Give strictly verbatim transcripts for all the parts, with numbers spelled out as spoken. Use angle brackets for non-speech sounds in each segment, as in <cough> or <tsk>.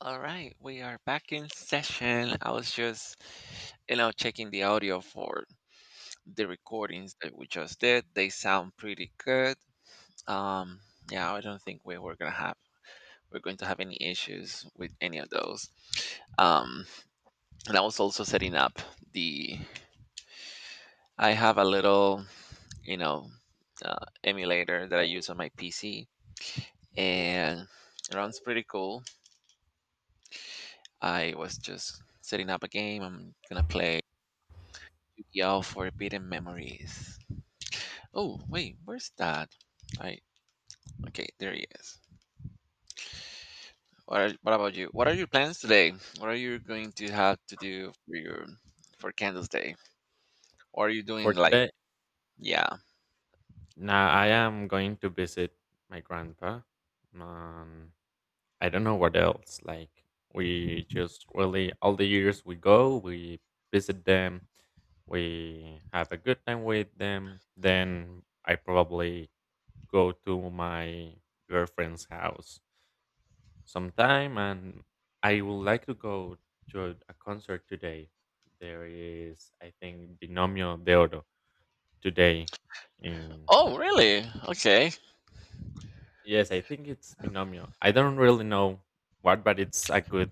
All right, we are back in session. I was just, you know, checking the audio for the recordings that we just did. They sound pretty good. Um, yeah, I don't think we were gonna have we're going to have any issues with any of those. Um, and I was also setting up the. I have a little, you know, uh, emulator that I use on my P C, and it runs pretty cool. I was just setting up a game. I'm gonna play Yo, forbidden memories. Oh, wait, where's that? I okay, there he is. What are, what about you? What are your plans today? What are you going to have to do for your for Candles Day? Or are you For doing like today, yeah? now I am going to visit my grandpa. Um, I don't know what else. Like we just really all the years we go, we visit them, we have a good time with them. Then I probably go to my girlfriend's house sometime, and I would like to go to a concert today. There is, I think, Binomio de Oro today in. Oh, really? Okay. Yes, I think it's Binomio. I don't really know what, but it's a good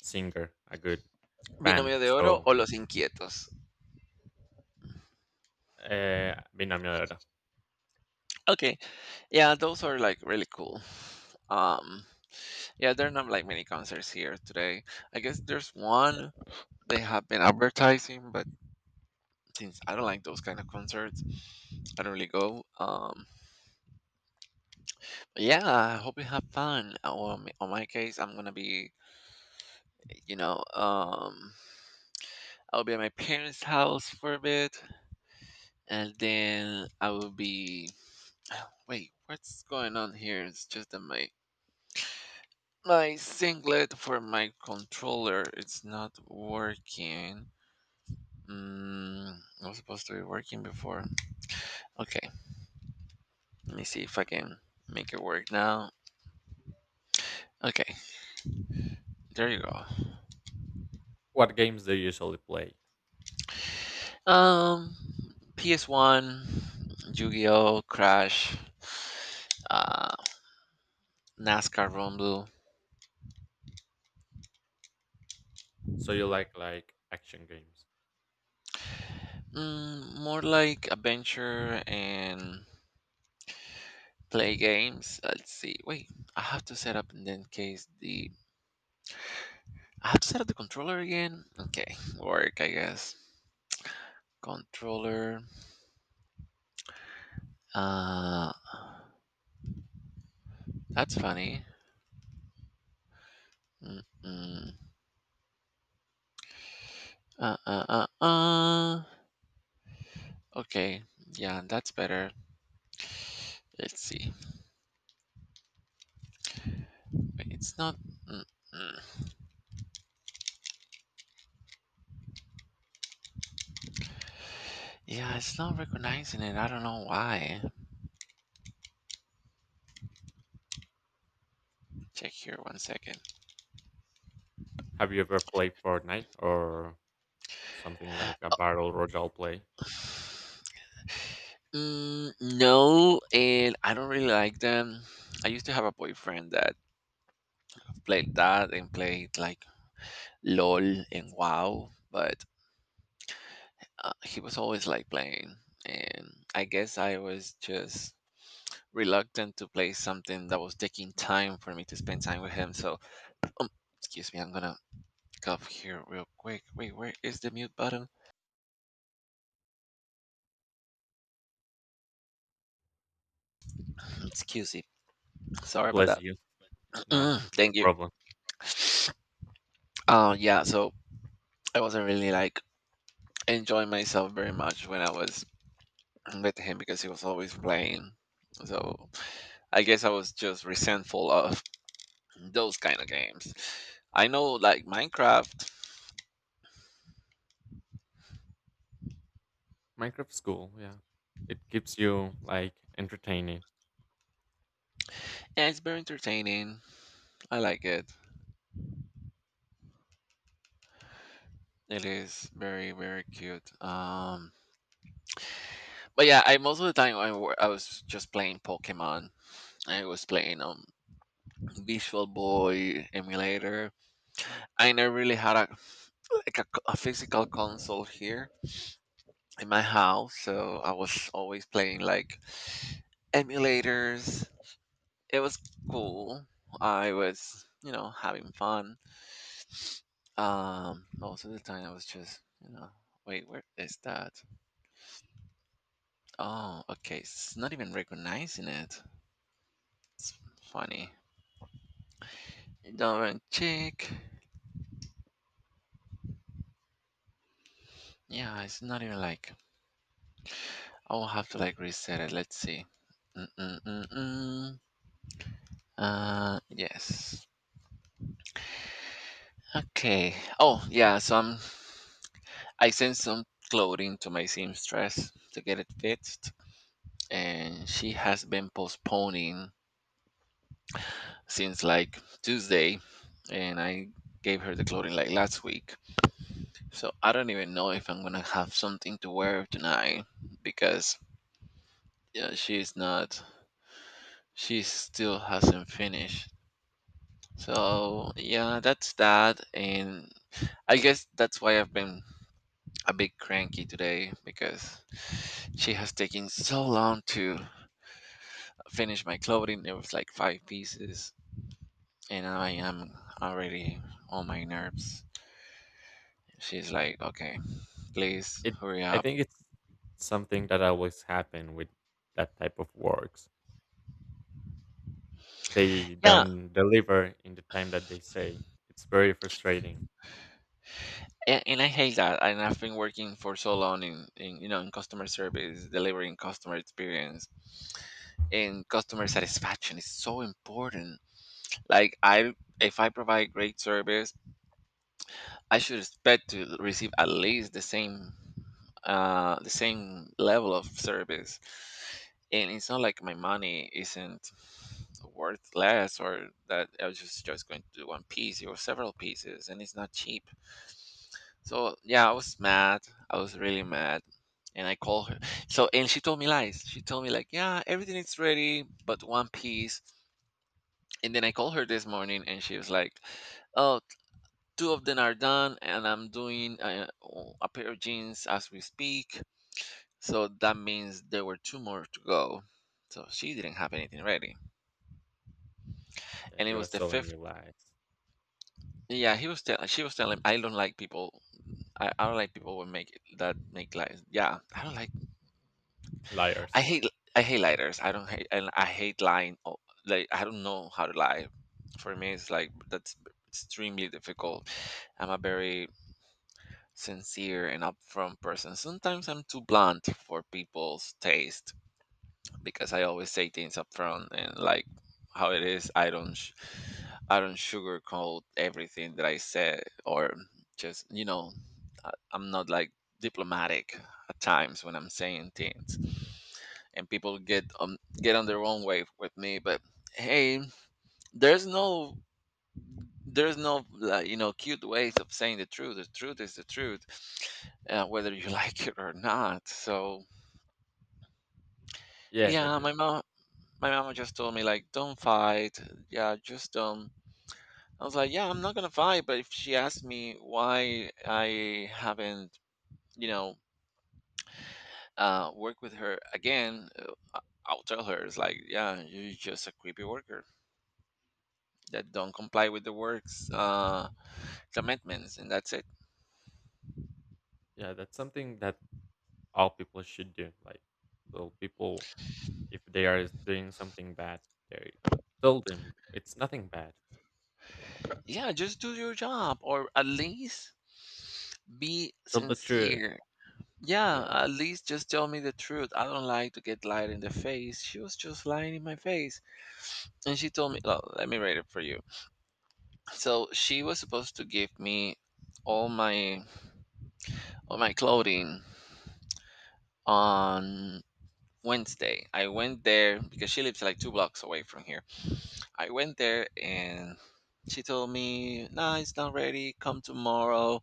singer, a good band. Binomio de Oro So, o Los Inquietos. uh, Binomio era. Okay, yeah, those are like really cool. Um, yeah, there are not like many concerts here today. I guess there's one they have been advertising, but since I don't like those kind of concerts, I don't really go. Um, Yeah, I hope you have fun. Uh, Well, m- on my case, I'm gonna be, you know, um, I'll be at my parents' house for a bit, and then I will be. <sighs> Wait, what's going on here? It's just that my my singlet for my controller it's not working. Mm, it was supposed to be working before. Okay, let me see if I can make it work now. Okay, there you go. What games do you usually play? Um, P S one, Yu-Gi-Oh, Crash, uh, NASCAR Rumble. So you like like action games? Mm, more like adventure and play games. Let's see. Wait, I have to set up in that case the. I have to set up the controller again. Okay, work I guess. Controller. Uh, that's funny. Mm-mm. Uh, uh, uh, uh. Okay, yeah, that's better. Let's see. Wait, it's not. Mm-mm. Yeah, it's not recognizing it. I don't know why. Check here one second. Have you ever played Fortnite or something like a battle royale play? Mm, no, and I don't really like them. I used to have a boyfriend that played that and played like LOL and WoW, but uh, he was always like playing. And I guess I was just reluctant to play something that was taking time for me to spend time with him. So, um, excuse me, I'm gonna cough here real quick. Wait, where is the mute button? Excuse me. Sorry about Bless that. you. Nah, Mm, <laughs> no thank you. problem. Uh, yeah, so I wasn't really like enjoying myself very much when I was with him because he was always playing. So I guess I was just resentful of those kind of games. I know like Minecraft, Minecraft School, yeah. It keeps you like entertaining. yeah, it's very entertaining. I like it. It is very very cute. Um, but yeah, I most of the time I, wa- I was just playing Pokemon. I was playing um Visual Boy emulator. I never really had a like a, c- a physical console here in my house, so I was always playing like emulators. It was cool. I was, you know, having fun. um most of the time I was just, you know, wait, where is that? Oh, okay, it's not even recognizing it. It's funny. Don't check. Yeah, it's not even like, I will have to like reset it. Let's see. Mm-mm-mm-mm. uh yes. Okay. Oh, yeah. Some I sent some clothing to my seamstress to get it fixed, and she has been postponing since like Tuesday, and I gave her the clothing like last week. So I don't even know if I'm gonna have something to wear tonight because yeah, she's not. She still hasn't finished. So yeah, that's that, and I guess that's why I've been a bit cranky today because she has taken so long to finish my clothing. It was like five pieces, and I am already on my nerves. She's like, "Okay, please It, hurry I up." think it's something that always happen with that type of works. They Yeah, don't deliver in the time that they say. It's very frustrating a- and I hate that. And I've been working for so long in, in, you know, in customer service, delivering customer experience, and customer satisfaction is so important. Like I, if I provide great service I should expect to receive at least the same uh the same level of service. And it's not like my money isn't worth less or that I was just, just going to do one piece or several pieces, and it's not cheap. So yeah, I was mad. I was really mad. And I called her. So and she told me lies. She told me like, yeah, everything is ready, but one piece. And then I called her this morning and she was like, oh, two of them are done and I'm doing uh, a pair of jeans as we speak, so that means there were two more to go, so she didn't have anything ready and that it you are was the selling fifth. your lies. Yeah he was telling she was telling, i don't like people i, I don't like people who make that make lies, yeah. I don't like, I Liars. hate, I hate lighters. i don't hate and I hate lying. Oh, like I don't know how to lie. For me it's like that's extremely difficult. I'm a very sincere and upfront person. Sometimes I'm too blunt for people's taste because I always say things upfront and like how it is. I don't, sh- I don't sugarcoat everything that I said or just, you know, I- I'm not like diplomatic at times when I'm saying things, and people get um get on their own way with me. But hey, there's no there's no like, you know, cute ways of saying the truth. The truth is the truth, uh, whether you <laughs> like it or not. So Yes, I yeah, my think, mom my mama just told me like don't fight, yeah, just don't. I was like yeah, I'm not gonna fight, but if she asked me why I haven't, you know, uh worked with her again, uh, I- I'll tell her it's like yeah, you're just a creepy worker that don't comply with the works uh commitments, and that's it. yeah, that's something that all people should do. Like so people if they are doing something bad, they tell them it's nothing bad. Yeah, just do your job or at least be Tell the truth. sincere. Yeah, Yeah. at least just tell me the truth. I don't like to get lied in the face. She was just lying in my face. And she told me, well, let me read it for you. So she was supposed to give me all my all my clothing on Wednesday. I went there because she lives like two blocks away from here. I went there and she told me, "Nah, it's not ready. Come tomorrow."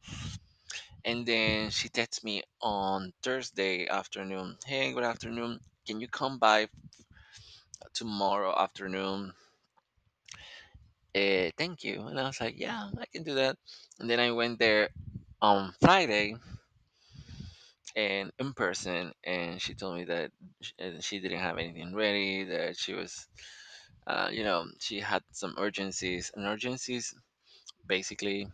And then she texts me on Thursday afternoon. Hey, good afternoon. Can you come by tomorrow afternoon? Uh, thank you. And I was like, yeah, I can do that. And then I went there on Friday and in person, and she told me that sh- uh, she didn't have anything ready, that she was, uh, you know, she had some urgencies. And urgencies basically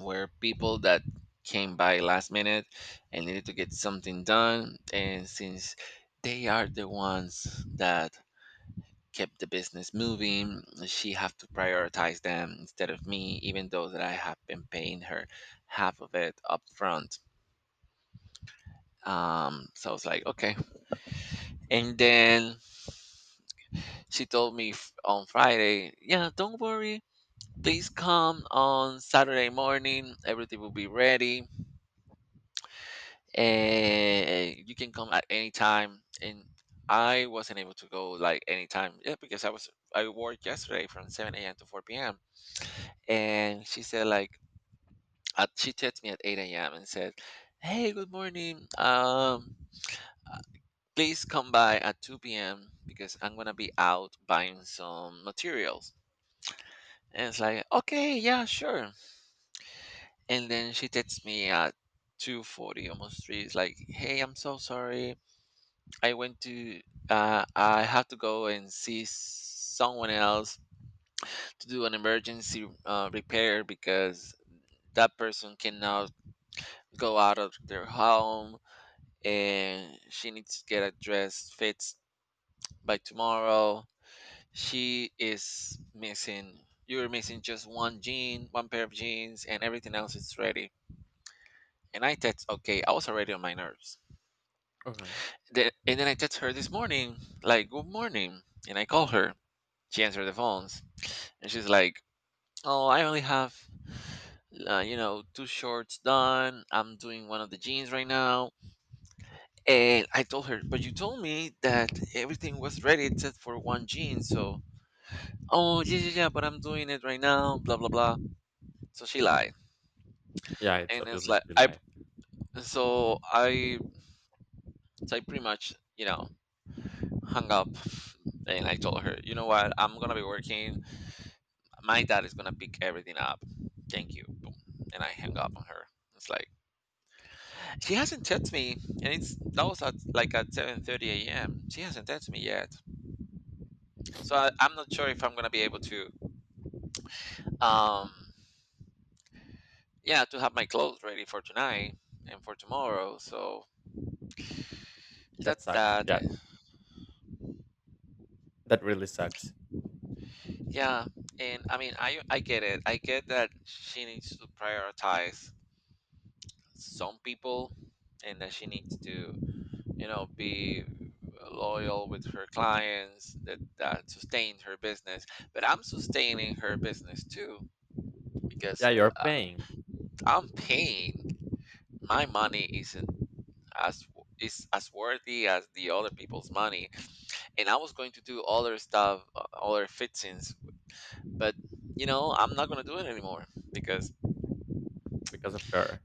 were people that came by last minute and needed to get something done. And since they are the ones that kept the business moving, she have to prioritize them instead of me, even though that I have been paying her half of it up front. Um, so I was like, okay. And then she told me f- on Friday, yeah, don't worry. Please come on Saturday morning. Everything will be ready and you can come at any time. And I wasn't able to go like any time, yeah, because i was I worked yesterday from seven a.m to four p.m. And she said like at, she texted me at eight a.m and said, hey, good morning, um uh, please come by at two p.m because I'm gonna be out buying some materials. And it's like okay, yeah, sure. And then she texts me at two forty, almost three, it's like, hey, I'm so sorry, I went to uh, I had to go and see someone else to do an emergency uh, repair because that person cannot go out of their home and she needs to get a dress fixed by tomorrow. She is missing you're missing just one jean, one pair of jeans, and everything else is ready. And I text okay, I was already on my nerves. Okay. The, and then I text her this morning, like good morning, and I call her. She answered the phones. And she's like, "Oh, I only have, uh, you know, two shorts done. I'm doing one of the jeans right now." And I told her, "But you told me that everything was ready except for one jean." So, "Oh, yeah, yeah, yeah, but I'm doing it right now." Blah blah blah. So she lied, Yeah, it's and it's obviously like I. July. So I, so I pretty much, you know, hung up. And I told her, you know what? I'm gonna be working. My dad is gonna pick everything up. Thank you. Boom. And I hung up on her. It's like she hasn't texted me, and it's that was at like at seven thirty a m She hasn't texted me yet, so I, I'm not sure if I'm gonna be able to, um, yeah, to have my clothes ready for tonight and for tomorrow. So That that's sucks. that. Yeah, that really sucks. Yeah, and I mean, I I get it. I get that she needs to prioritize some people, and that she needs to, you know, be loyal with her clients that that sustained her business, but I'm sustaining her business too Yeah, because you're uh, paying I'm paying. My money isn't as is as worthy as the other people's money, and I was going to do other stuff, uh, other fixings, but you know I'm not gonna do it anymore because because of her.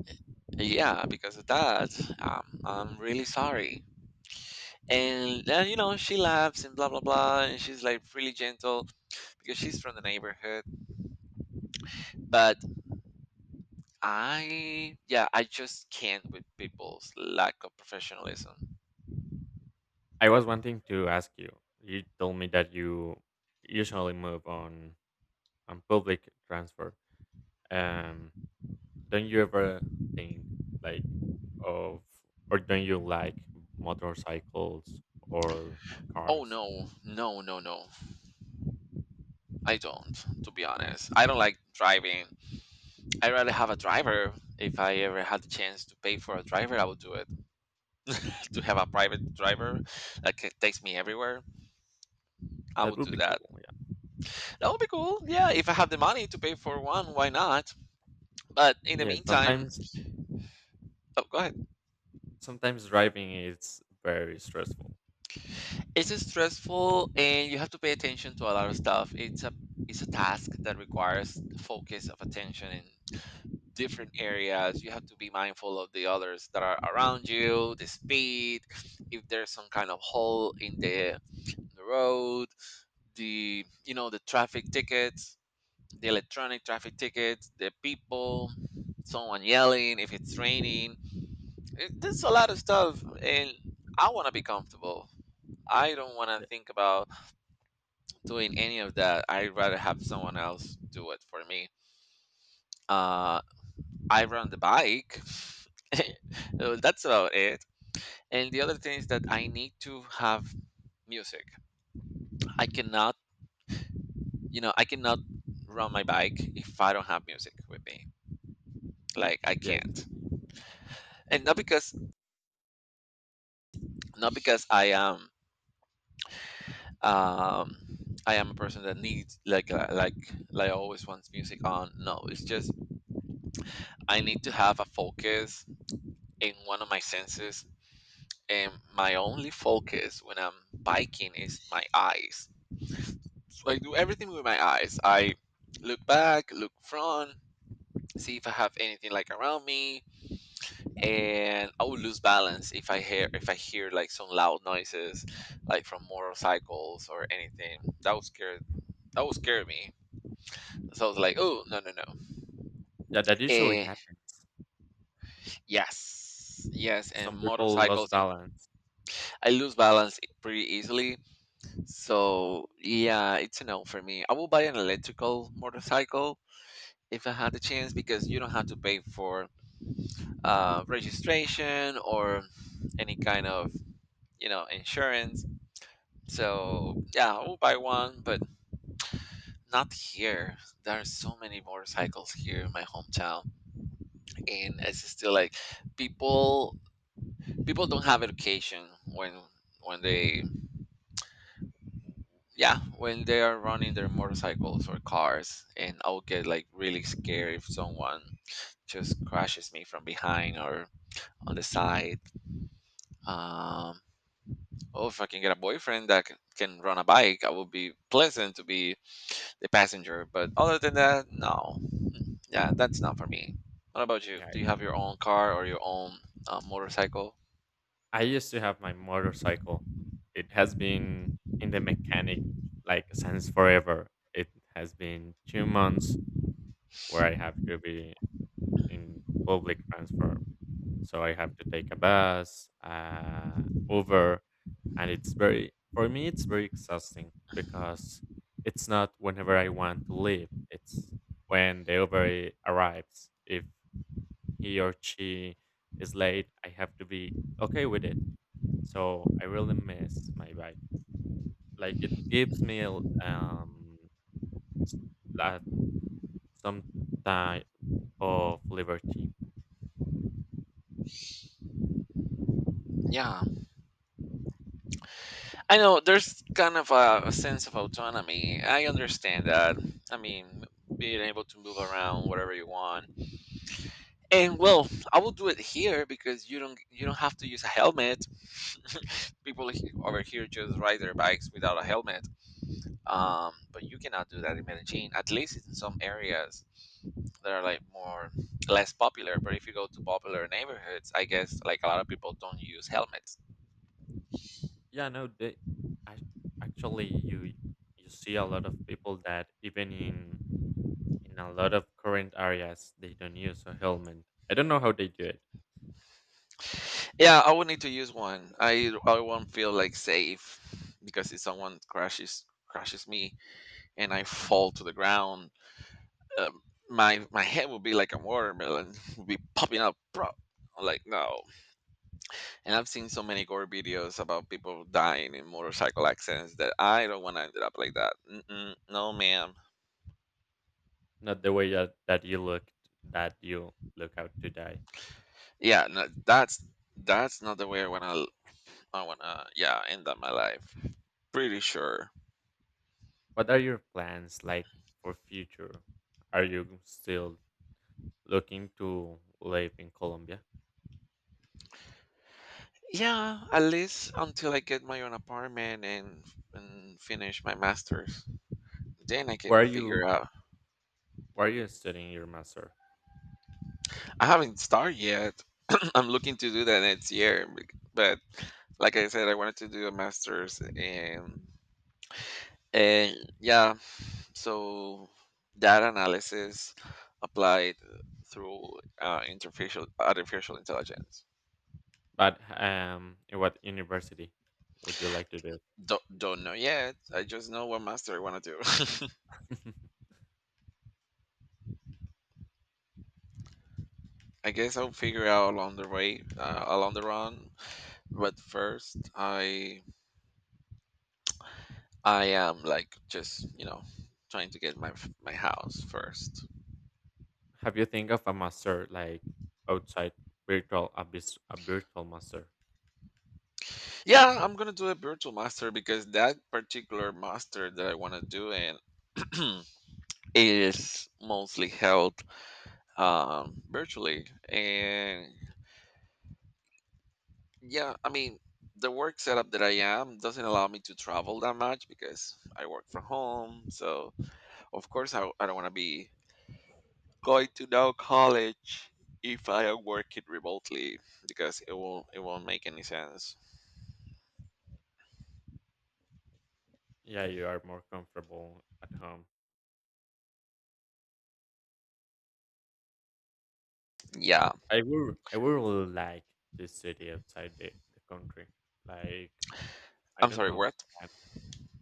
yeah, because of that. um, I'm really sorry. And then you know she laughs and blah blah blah, and she's like really gentle because she's from the neighborhood, but. I yeah, I just can't with people's lack of professionalism. I was wanting to ask you. You told me that you usually move on and public transport. Um, don't you ever think like of or don't you like motorcycles or Oh, cars? no, no, no, no. I don't, to be honest. I don't like driving. I'd rather have a driver. If I ever had the chance to pay for a driver, I would do it. <laughs> To have a private driver that ca- takes me everywhere, I That would would do be cool. that. Yeah. That would be cool. Yeah, if I have the money to pay for one, why not? But in the Yeah. meantime, Sometimes oh, go ahead. sometimes driving is very stressful. It's stressful, and you have to pay attention to a lot of stuff. It's a it's a task that requires focus of attention and different areas. You have to be mindful of the others that are around you, the speed, if there's some kind of hole in the, the road, the you know the traffic tickets, the electronic traffic tickets, the people, someone yelling, if it's raining, it, there's a lot of stuff. And I want to be comfortable. I don't want to Yeah. think about doing any of that. I'd rather have someone else do it for me. uh I run the bike. <laughs> Well, that's about it. And the other thing is that I need to have music. I cannot, you know, I cannot run my bike if I don't have music with me. Like I Yes. can't. And not because not because I am um I am a person that needs like uh, like like always wants music on. No, it's just I need to have a focus in one of my senses, and my only focus when I'm biking is my eyes. So I do everything with my eyes. I look back, look front, see if I have anything like around me, and I will lose balance if I hear if I hear like some loud noises, like from motorcycles or anything. That would scare that would scare me. So I was like, oh, no, no, no. Yeah, that usually Eh, happens. yes, yes, and Some people motorcycles lost and balance. I lose balance i- pretty easily. So yeah, it's a no for me. I will buy an electrical motorcycle. If I had the chance, because you don't have to pay for uh, registration or any kind of you know, insurance. So yeah, I will buy one, but not here. There are so many motorcycles here in my hometown, and it's still like people people don't have education when when they yeah when they are running their motorcycles or cars, and I will get like really scared if someone just crashes me from behind or on the side. Um, oh, if I can get a boyfriend that can, can run a bike, I would be pleasant to be the passenger. But other than that, no. Mm. Yeah, that's not for me. What about you? Yeah. Do you have your own car or your own uh, motorcycle? I used to have my motorcycle. It has been in the mechanic like since forever. It has been two months where I have to be in public transport, so I have to take a bus, uh, Uber, and it's very for me it's very exhausting because it's not whenever I want to leave. It's when the Uber arrives. If he or she is late, I have to be okay with it. So I really miss my bike. Like it gives me um, <tsk> a, some type of liberty. Yeah, I know there's kind of a, a sense of autonomy. I understand that. I mean, being able to move around whatever you want. And well, I will do it here because you don't you don't have to use a helmet. <laughs> People he- over here just ride their bikes without a helmet. Um, but you cannot do that in Medellin. At least in some areas, that are like more less popular. But if you go to popular neighborhoods, I guess like a lot of people don't use helmets. Yeah, no, they, ac- actually, you you see a lot of people that even in in a lot of current areas they don't use a helmet. I don't know how they do it. Yeah, I would need to use one. I I won't feel like safe because if someone crashes crashes me and I fall to the ground, um, my my head would be like a watermelon, <laughs> would be popping up. Bro. I'm like no, and I've seen so many gore videos about people dying in motorcycle accidents that I don't want to end up like that. Mm-mm, no, ma'am. Not the way that, that you look that you look out today. Yeah, no, that's that's not the way I want to I wanna, yeah, end up my life. Pretty sure. What are your plans like for future? Are you still looking to live in Colombia? Yeah, at least until I get my own apartment and and finish my masters. Then I can Where are figure you out. where are you studying your master? I haven't started yet. <clears throat> I'm looking to do that next year, bec- but like I said, I wanted to do a master's and and yeah, so data analysis applied through uh, interfacial artificial intelligence. But um, in what university would you like to do Don't, don't know yet. I just know what master I want to do. <laughs> it? <laughs> I guess I'll figure out along the way, uh, along the run. But first, I I am like just you know trying to get my f- my house first. Have you think of a master like outside virtual a, vis- a virtual master? Yeah, I'm gonna do a virtual master because that particular master that I want to do in <clears throat> is mostly held um, virtually, and yeah, I mean the work setup that I am doesn't allow me to travel that much because I work from home. So of course I, I don't want to be going to no college if I am working remotely because it won't it won't make any sense. Yeah, you are more comfortable at home. Yeah, I would I would really like to study outside the, the country. Like I I'm don't sorry. know. What? Can-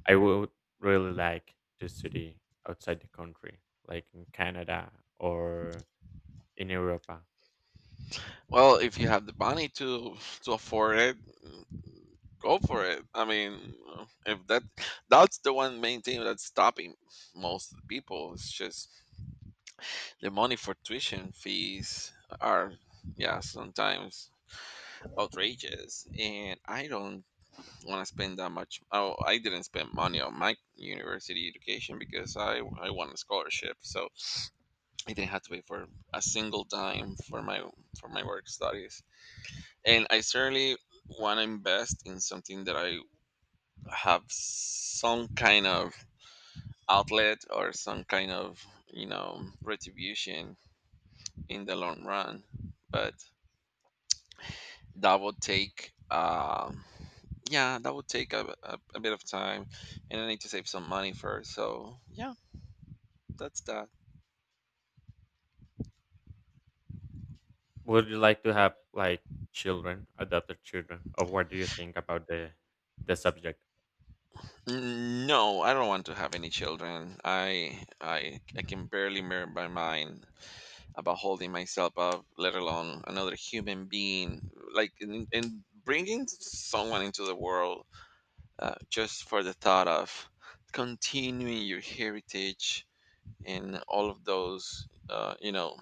I would really like to study outside the country, like in Canada or in Europa. Well, if you have the money to to afford it, mm, go for it. I mean, uh, if that that's the one main thing that's stopping most people. It's just the money for tuition fees are yeah sometimes outrageous, and I don't want to spend that much. Oh, I didn't spend money on my university education because I I won a scholarship, so I didn't have to pay for a single dime for my for my work studies. And I certainly want to invest in something that I have some kind of outlet or some kind of you know retribution in the long run, but that would take. Um, yeah, that would take a, a, a bit of time, and I need to save some money first. So yeah. That's that. Would you like to have like children, adopted children, or what do you think about the the subject? N- No, I don't want to have any children. I I I can barely mirror my mind about holding myself up, let alone another human being. Like and, and bringing someone into the world uh, just for the thought of continuing your heritage and all of those, uh, you know,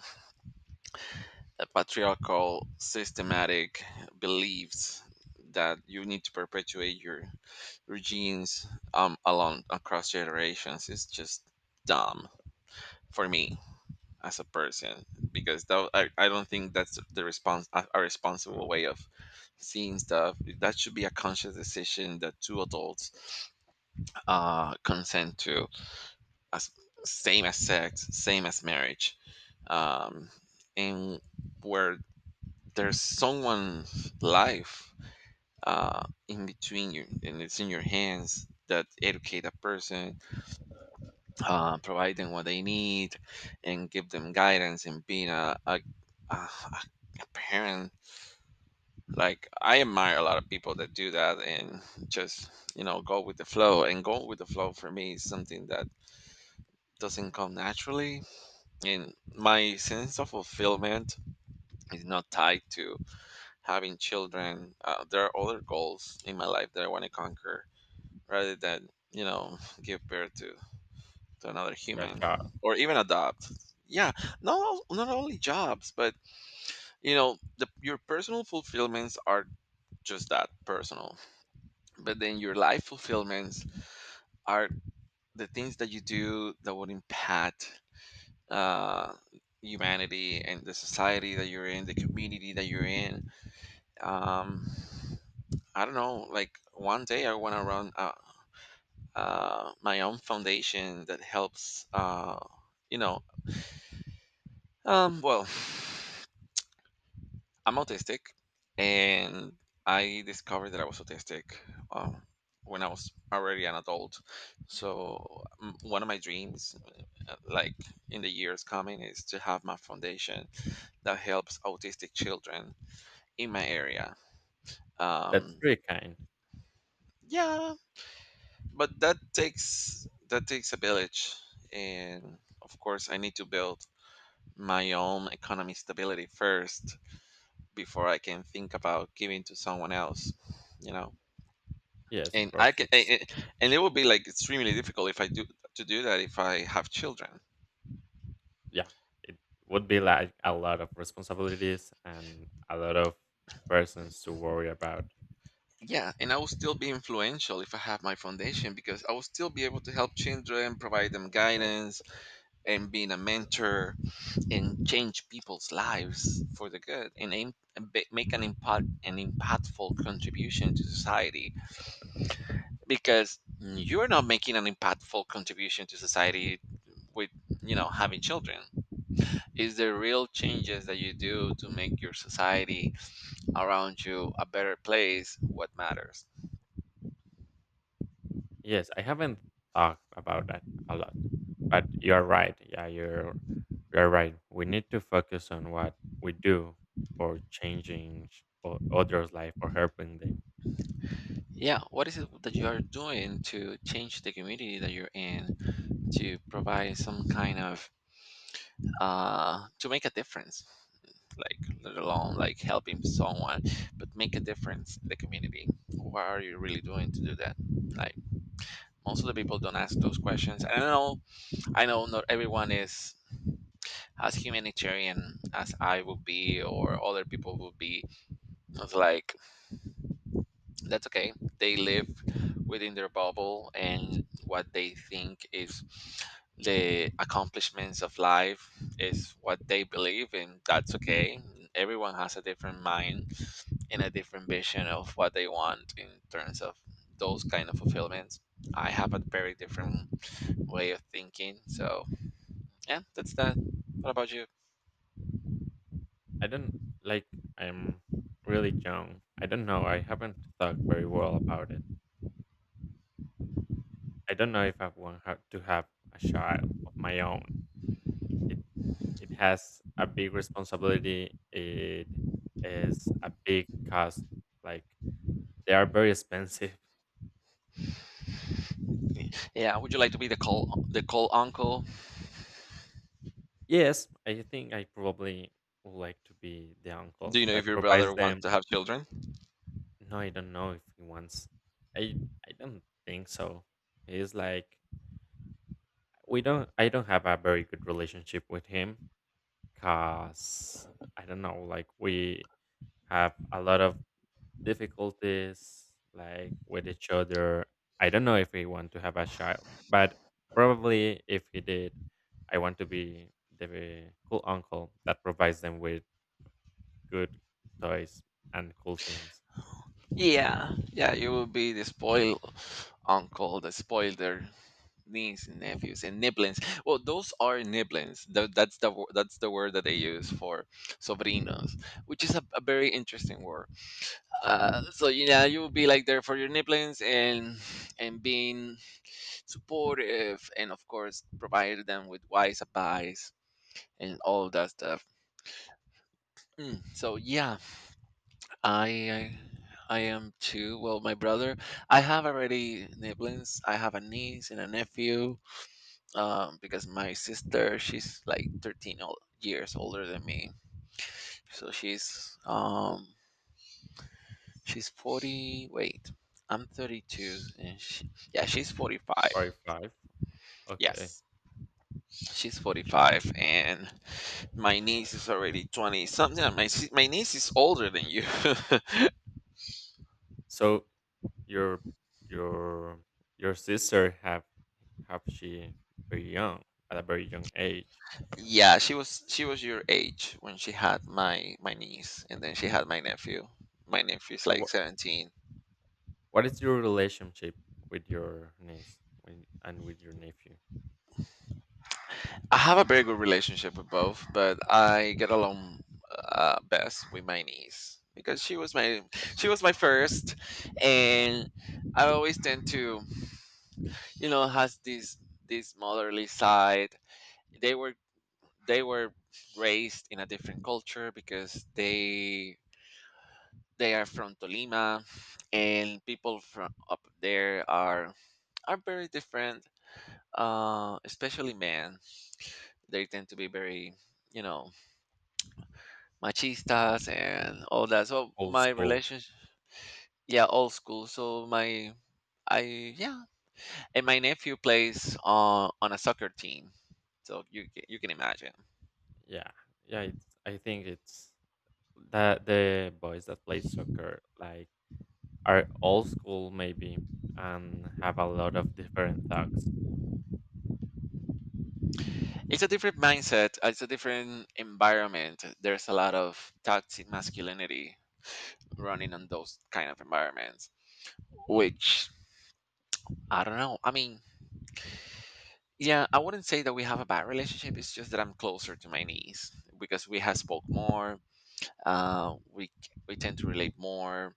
uh, patriarchal, systematic beliefs that you need to perpetuate your regimes um along across generations is just dumb for me as a person because that, I, I don't think that's the response a, a responsible way of seeing stuff. That should be a conscious decision that two adults uh consent to, as same as sex, same as marriage, um and where there's someone's life uh in between you and it's in your hands that educate a person, uh, provide them what they need, and give them guidance and being a, a, a, a parent. Like I admire a lot of people that do that and just you know go with the flow. And go with the flow for me is something that doesn't come naturally, and my sense of fulfillment is not tied to having children. Uh, there are other goals in my life that I want to conquer rather than you know give birth to to another Cha cha. human or even adopt. Yeah, not al- not only jobs but you know the, your personal fulfillments are just that, personal, but then your life fulfillments are the things that you do that would impact uh humanity and the society that you're in, the community that you're in. um I don't know, like one day I want to run uh, uh my own foundation that helps uh you know um well <sighs> I'm autistic, and I discovered that I was autistic um, when I was already an adult. So m- one of my dreams, uh, like in the years coming, is to have my foundation that helps autistic children in my area. That's Um, very kind. yeah, but that takes that takes a village, and of course, I need to build my own economy stability first before I can think about giving to someone else. You know. Yes, of And I course. can, It's and, and it will be like extremely difficult if I do to do that if I have children. yeah, it would be like a lot of responsibilities and a lot of persons to worry about. Yeah, and I will still be influential if I have my foundation because I will still be able to help children, provide them guidance, and being a mentor and change people's lives for the good and aim, and ba- make an impact an impactful contribution to society. Because you're not making an impactful contribution to society with you know having children. is the real changes that you do to make your society around you a better place what matters. Yes, I haven't thought about that a lot, but you're right. Yeah, you're you're right. We need to focus on what we do for changing sh- o- others' life or helping them. Yeah, what is it that you are doing to change the community that you're in to provide some kind of uh to make a difference, like, let alone like helping someone, but make a difference in the community? What are you really doing to do that? Like, most of the people don't ask those questions. I know i know not everyone is as humanitarian as I would be or other people would be. It's like, that's okay. They live within their bubble, and what they think is the accomplishments of life is what they believe, and that's okay. Everyone has a different mind and a different vision of what they want in terms of those kind of fulfillments. I have a very different way of thinking. So yeah, that's that. What about you? I don't like. I'm really young. I don't know. I haven't thought very well about it. I don't know if I want ha- to have a child of my own. It has a big responsibility. It is a big cost. Like they are very expensive. <laughs> Yeah, would you like to be the call the call uncle? Yes, I think I probably would like to be the Do uncle you know if that your brother provides wants them. to have children? No, I don't know if he wants. I I don't think so. He's like we don't. I don't have a very good relationship with him, cause I don't know. Like we have a lot of difficulties like with each other. I don't know if we want to have a child, but probably if he did, I want to be the cool uncle that provides them with good toys and cool things. Yeah, yeah, you will be the spoil uncle, the spoiler niece and nephews and niblins. Well, those are niblins. Tho- That's the wo- that's the word that they use for sobrinos, which is a, a very interesting word. Uh, so yeah, you will be like there for your niblins and and being supportive, and of course provide them with wise advice and all that stuff. Mm, so yeah, I I am too. Well, my brother, I have already siblings. I have a niece and a nephew. Um, because my sister, she's like thirteen o- years older than me. So she's um she's forty. Wait, I'm thirty-two and she, yeah, she's forty-five. Forty-five. Okay. Yes. She's forty-five and my niece is already twenty something. My si- my niece is older than you. <laughs> So your your your sister have have she very young at a very young age. Yeah, she was she was your age when she had my my niece, and then she had my nephew. My nephew's And like what seventeen. what is your relationship with your niece with, and with your nephew? I have a very good relationship with both, but I get along uh, best with my niece because she was my she was my first, and I always tend to, you know, has this this motherly side. They were they were raised in a different culture because they they are from Tolima, and people from up there are are very different. Uh, especially men, they tend to be very, you know, machistas and all that. So Old my school. relationship, yeah, old school. So my, I yeah, and my nephew plays on on a soccer team. So you ca- you can imagine, Yeah, yeah. It's, I think it's that the boys that play soccer like are old school maybe and have a lot of different thugs. it's a different mindset. It's a different environment. There's a lot of toxic masculinity running on those kind of environments, which, I don't know. I mean, yeah, I wouldn't say that we have a bad relationship. It's just that I'm closer to my niece because we have spoke more. Uh, we c- we tend to relate more.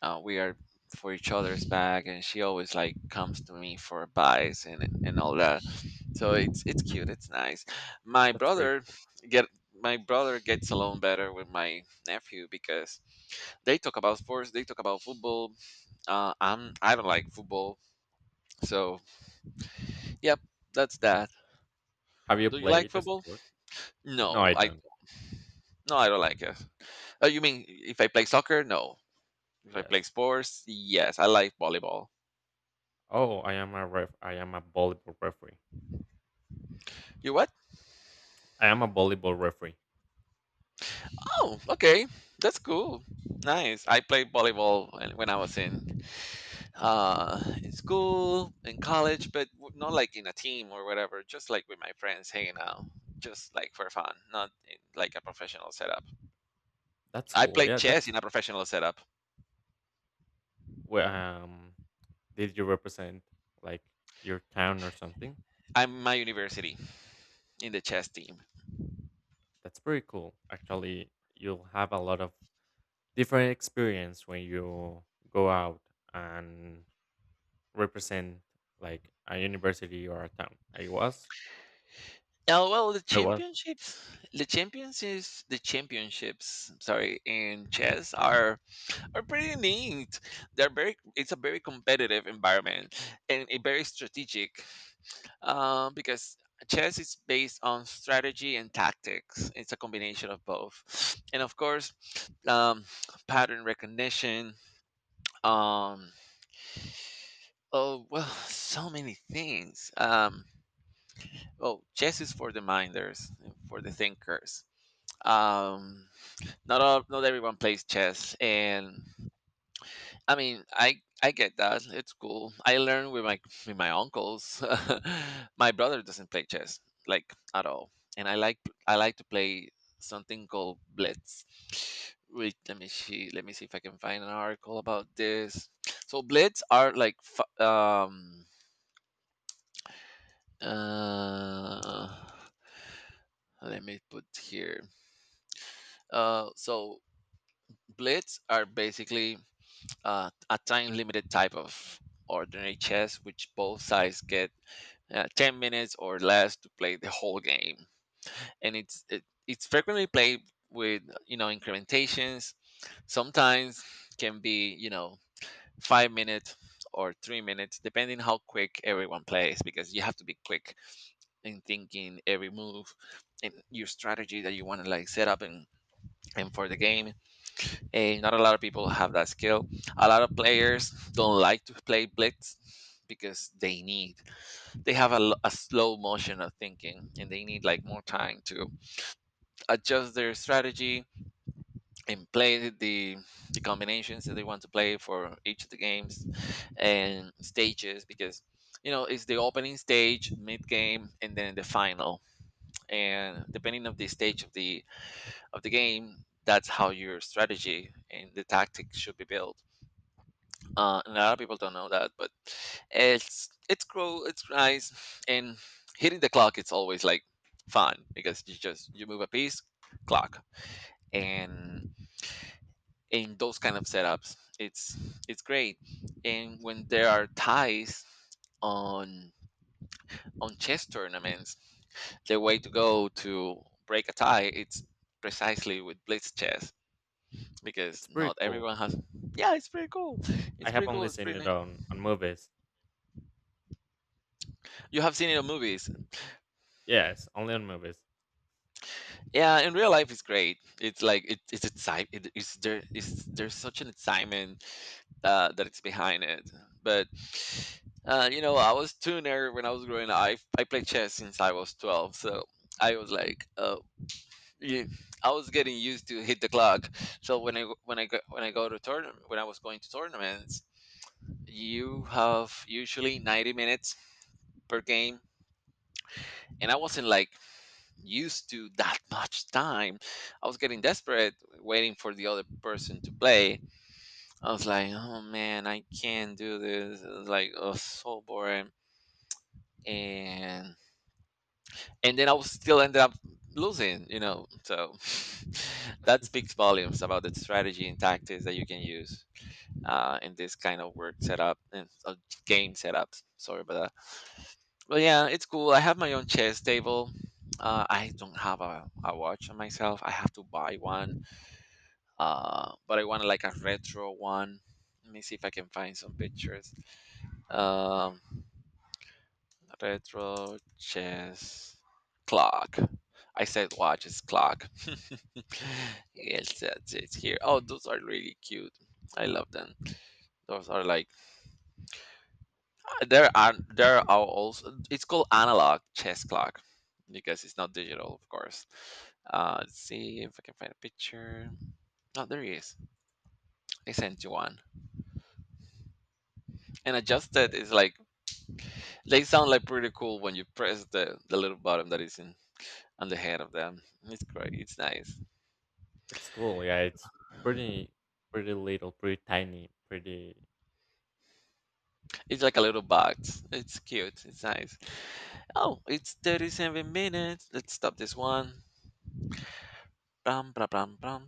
Uh, we are for each other's back, and she always like comes to me for advice and and all that. So it's it's cute. It's nice. My That's pretty brother cool. get my brother gets along better with my nephew because they talk about sports. They talk about football. Uh, I'm I don't like football, so. Yep, that's that. Have you Do you like played a football? sport? No, I No, I don't. no, I don't like it. Oh, you mean if I play soccer? No. If I play Yes. sports, yes, I like volleyball. Oh, I am a ref. I am a volleyball referee. You what? I am a volleyball referee. Oh, okay, that's cool. Nice. I played volleyball when when I was in uh in school, in college, but w- not like in a team or whatever. Just like with my friends hanging out, just like for fun, not in like a professional setup. That's I cool. played Yeah, chess that's in a professional setup. wh- um. Did you represent like your town or something? I'm My university in the chess team. That's pretty cool. Actually, you'll have a lot of different experience when you go out and represent like a university or a town. I was, Oh well, the I was. championships, the champions is the championships. Sorry, in chess are are pretty neat. They're very. It's a very competitive environment and a very strategic, um, because chess is based on strategy and tactics. It's a combination of both, and of course, um, pattern recognition. Um, oh well, so many things. Um, oh, Chess is for the minders, for the thinkers. Um, Not all, not everyone plays chess, and I mean, I I get that. It's cool. I learned with my with my uncles. <laughs> My brother doesn't play chess like at all, and I like I like to play something called blitz. Wait, let me see. Let me see if I can find an article about this. So blitz are like f- um uh let me put here. Uh so blitz are basically uh, a time limited type of ordinary chess, which both sides get uh, ten minutes or less to play the whole game. And it's it, it's frequently played with, you know, incrementations. Sometimes can be, you know, five minutes or three minutes, depending how quick everyone plays, because you have to be quick in thinking every move and your strategy that you want to like set up and and for the game, and not a lot of people have that skill. A lot of players don't like to play blitz because they need they have a, l- a slow motion of thinking, and they need like more time to adjust their strategy and play the the combinations that they want to play for each of the games and stages because, you know, it's the opening stage, mid game, and then the final, and depending on the stage of the of the game, that's how your strategy and the tactics should be built. Uh, and a lot of people don't know that, but it's it's grow it's nice, and hitting the clock, it's always like fun because you just you move a piece, clock, and in those kind of setups, it's it's great. And when there are ties on on chess tournaments, the way to go to break a tie, it's precisely with blitz chess, because It's not pretty cool. everyone has. Yeah, it's pretty cool I it's have pretty cool only it's seen pretty it nice. on on movies. You have seen it on movies. Yes, only on movies. <laughs> Yeah, in real life it's great. It's like it, it's exciting. It, it's there is There's such an excitement uh, that it's behind it. But uh, you know, I was tuner when I was growing up. i, I played chess since I was twelve. So I was like uh, yeah, I was getting used to hit the clock. So when I go- when I go when I go to tournament when I was going to tournaments, you have usually ninety minutes per game, and I wasn't like used to that <laughs> much time. I was getting desperate waiting for the other person to play. I was like, oh man, I can't do this. It was like, oh, so boring. And and then I was still ended up losing, you know. So <laughs> that speaks volumes about the strategy and tactics that you can use uh, in this kind of work setup and uh, game setups. Sorry about that. But yeah, it's cool. I have my own chess table. Uh, I don't have a, a watch on myself. I have to buy one, uh, but I want like a retro one. Let me see if I can find some pictures. Um, Retro chess clock. I said watch, it's clock. <laughs> it's, it's it's here. Oh, those are really cute. I love them. Those are like, uh, there are there are also, it's called analog chess clock because it's not digital, of course. Uh, let's see if I can find a picture. Oh, there he is. I sent you one. And adjusted Like, is like. They sound like pretty cool when you press the, the little button that is in on the head of them. It's great. It's nice. it's cool. Yeah, it's pretty, pretty little, pretty tiny, pretty. It's like a little box. It's cute. It's nice. Oh, it's thirty-seven minutes. Let's stop this one. Bam, bam, bam, bam.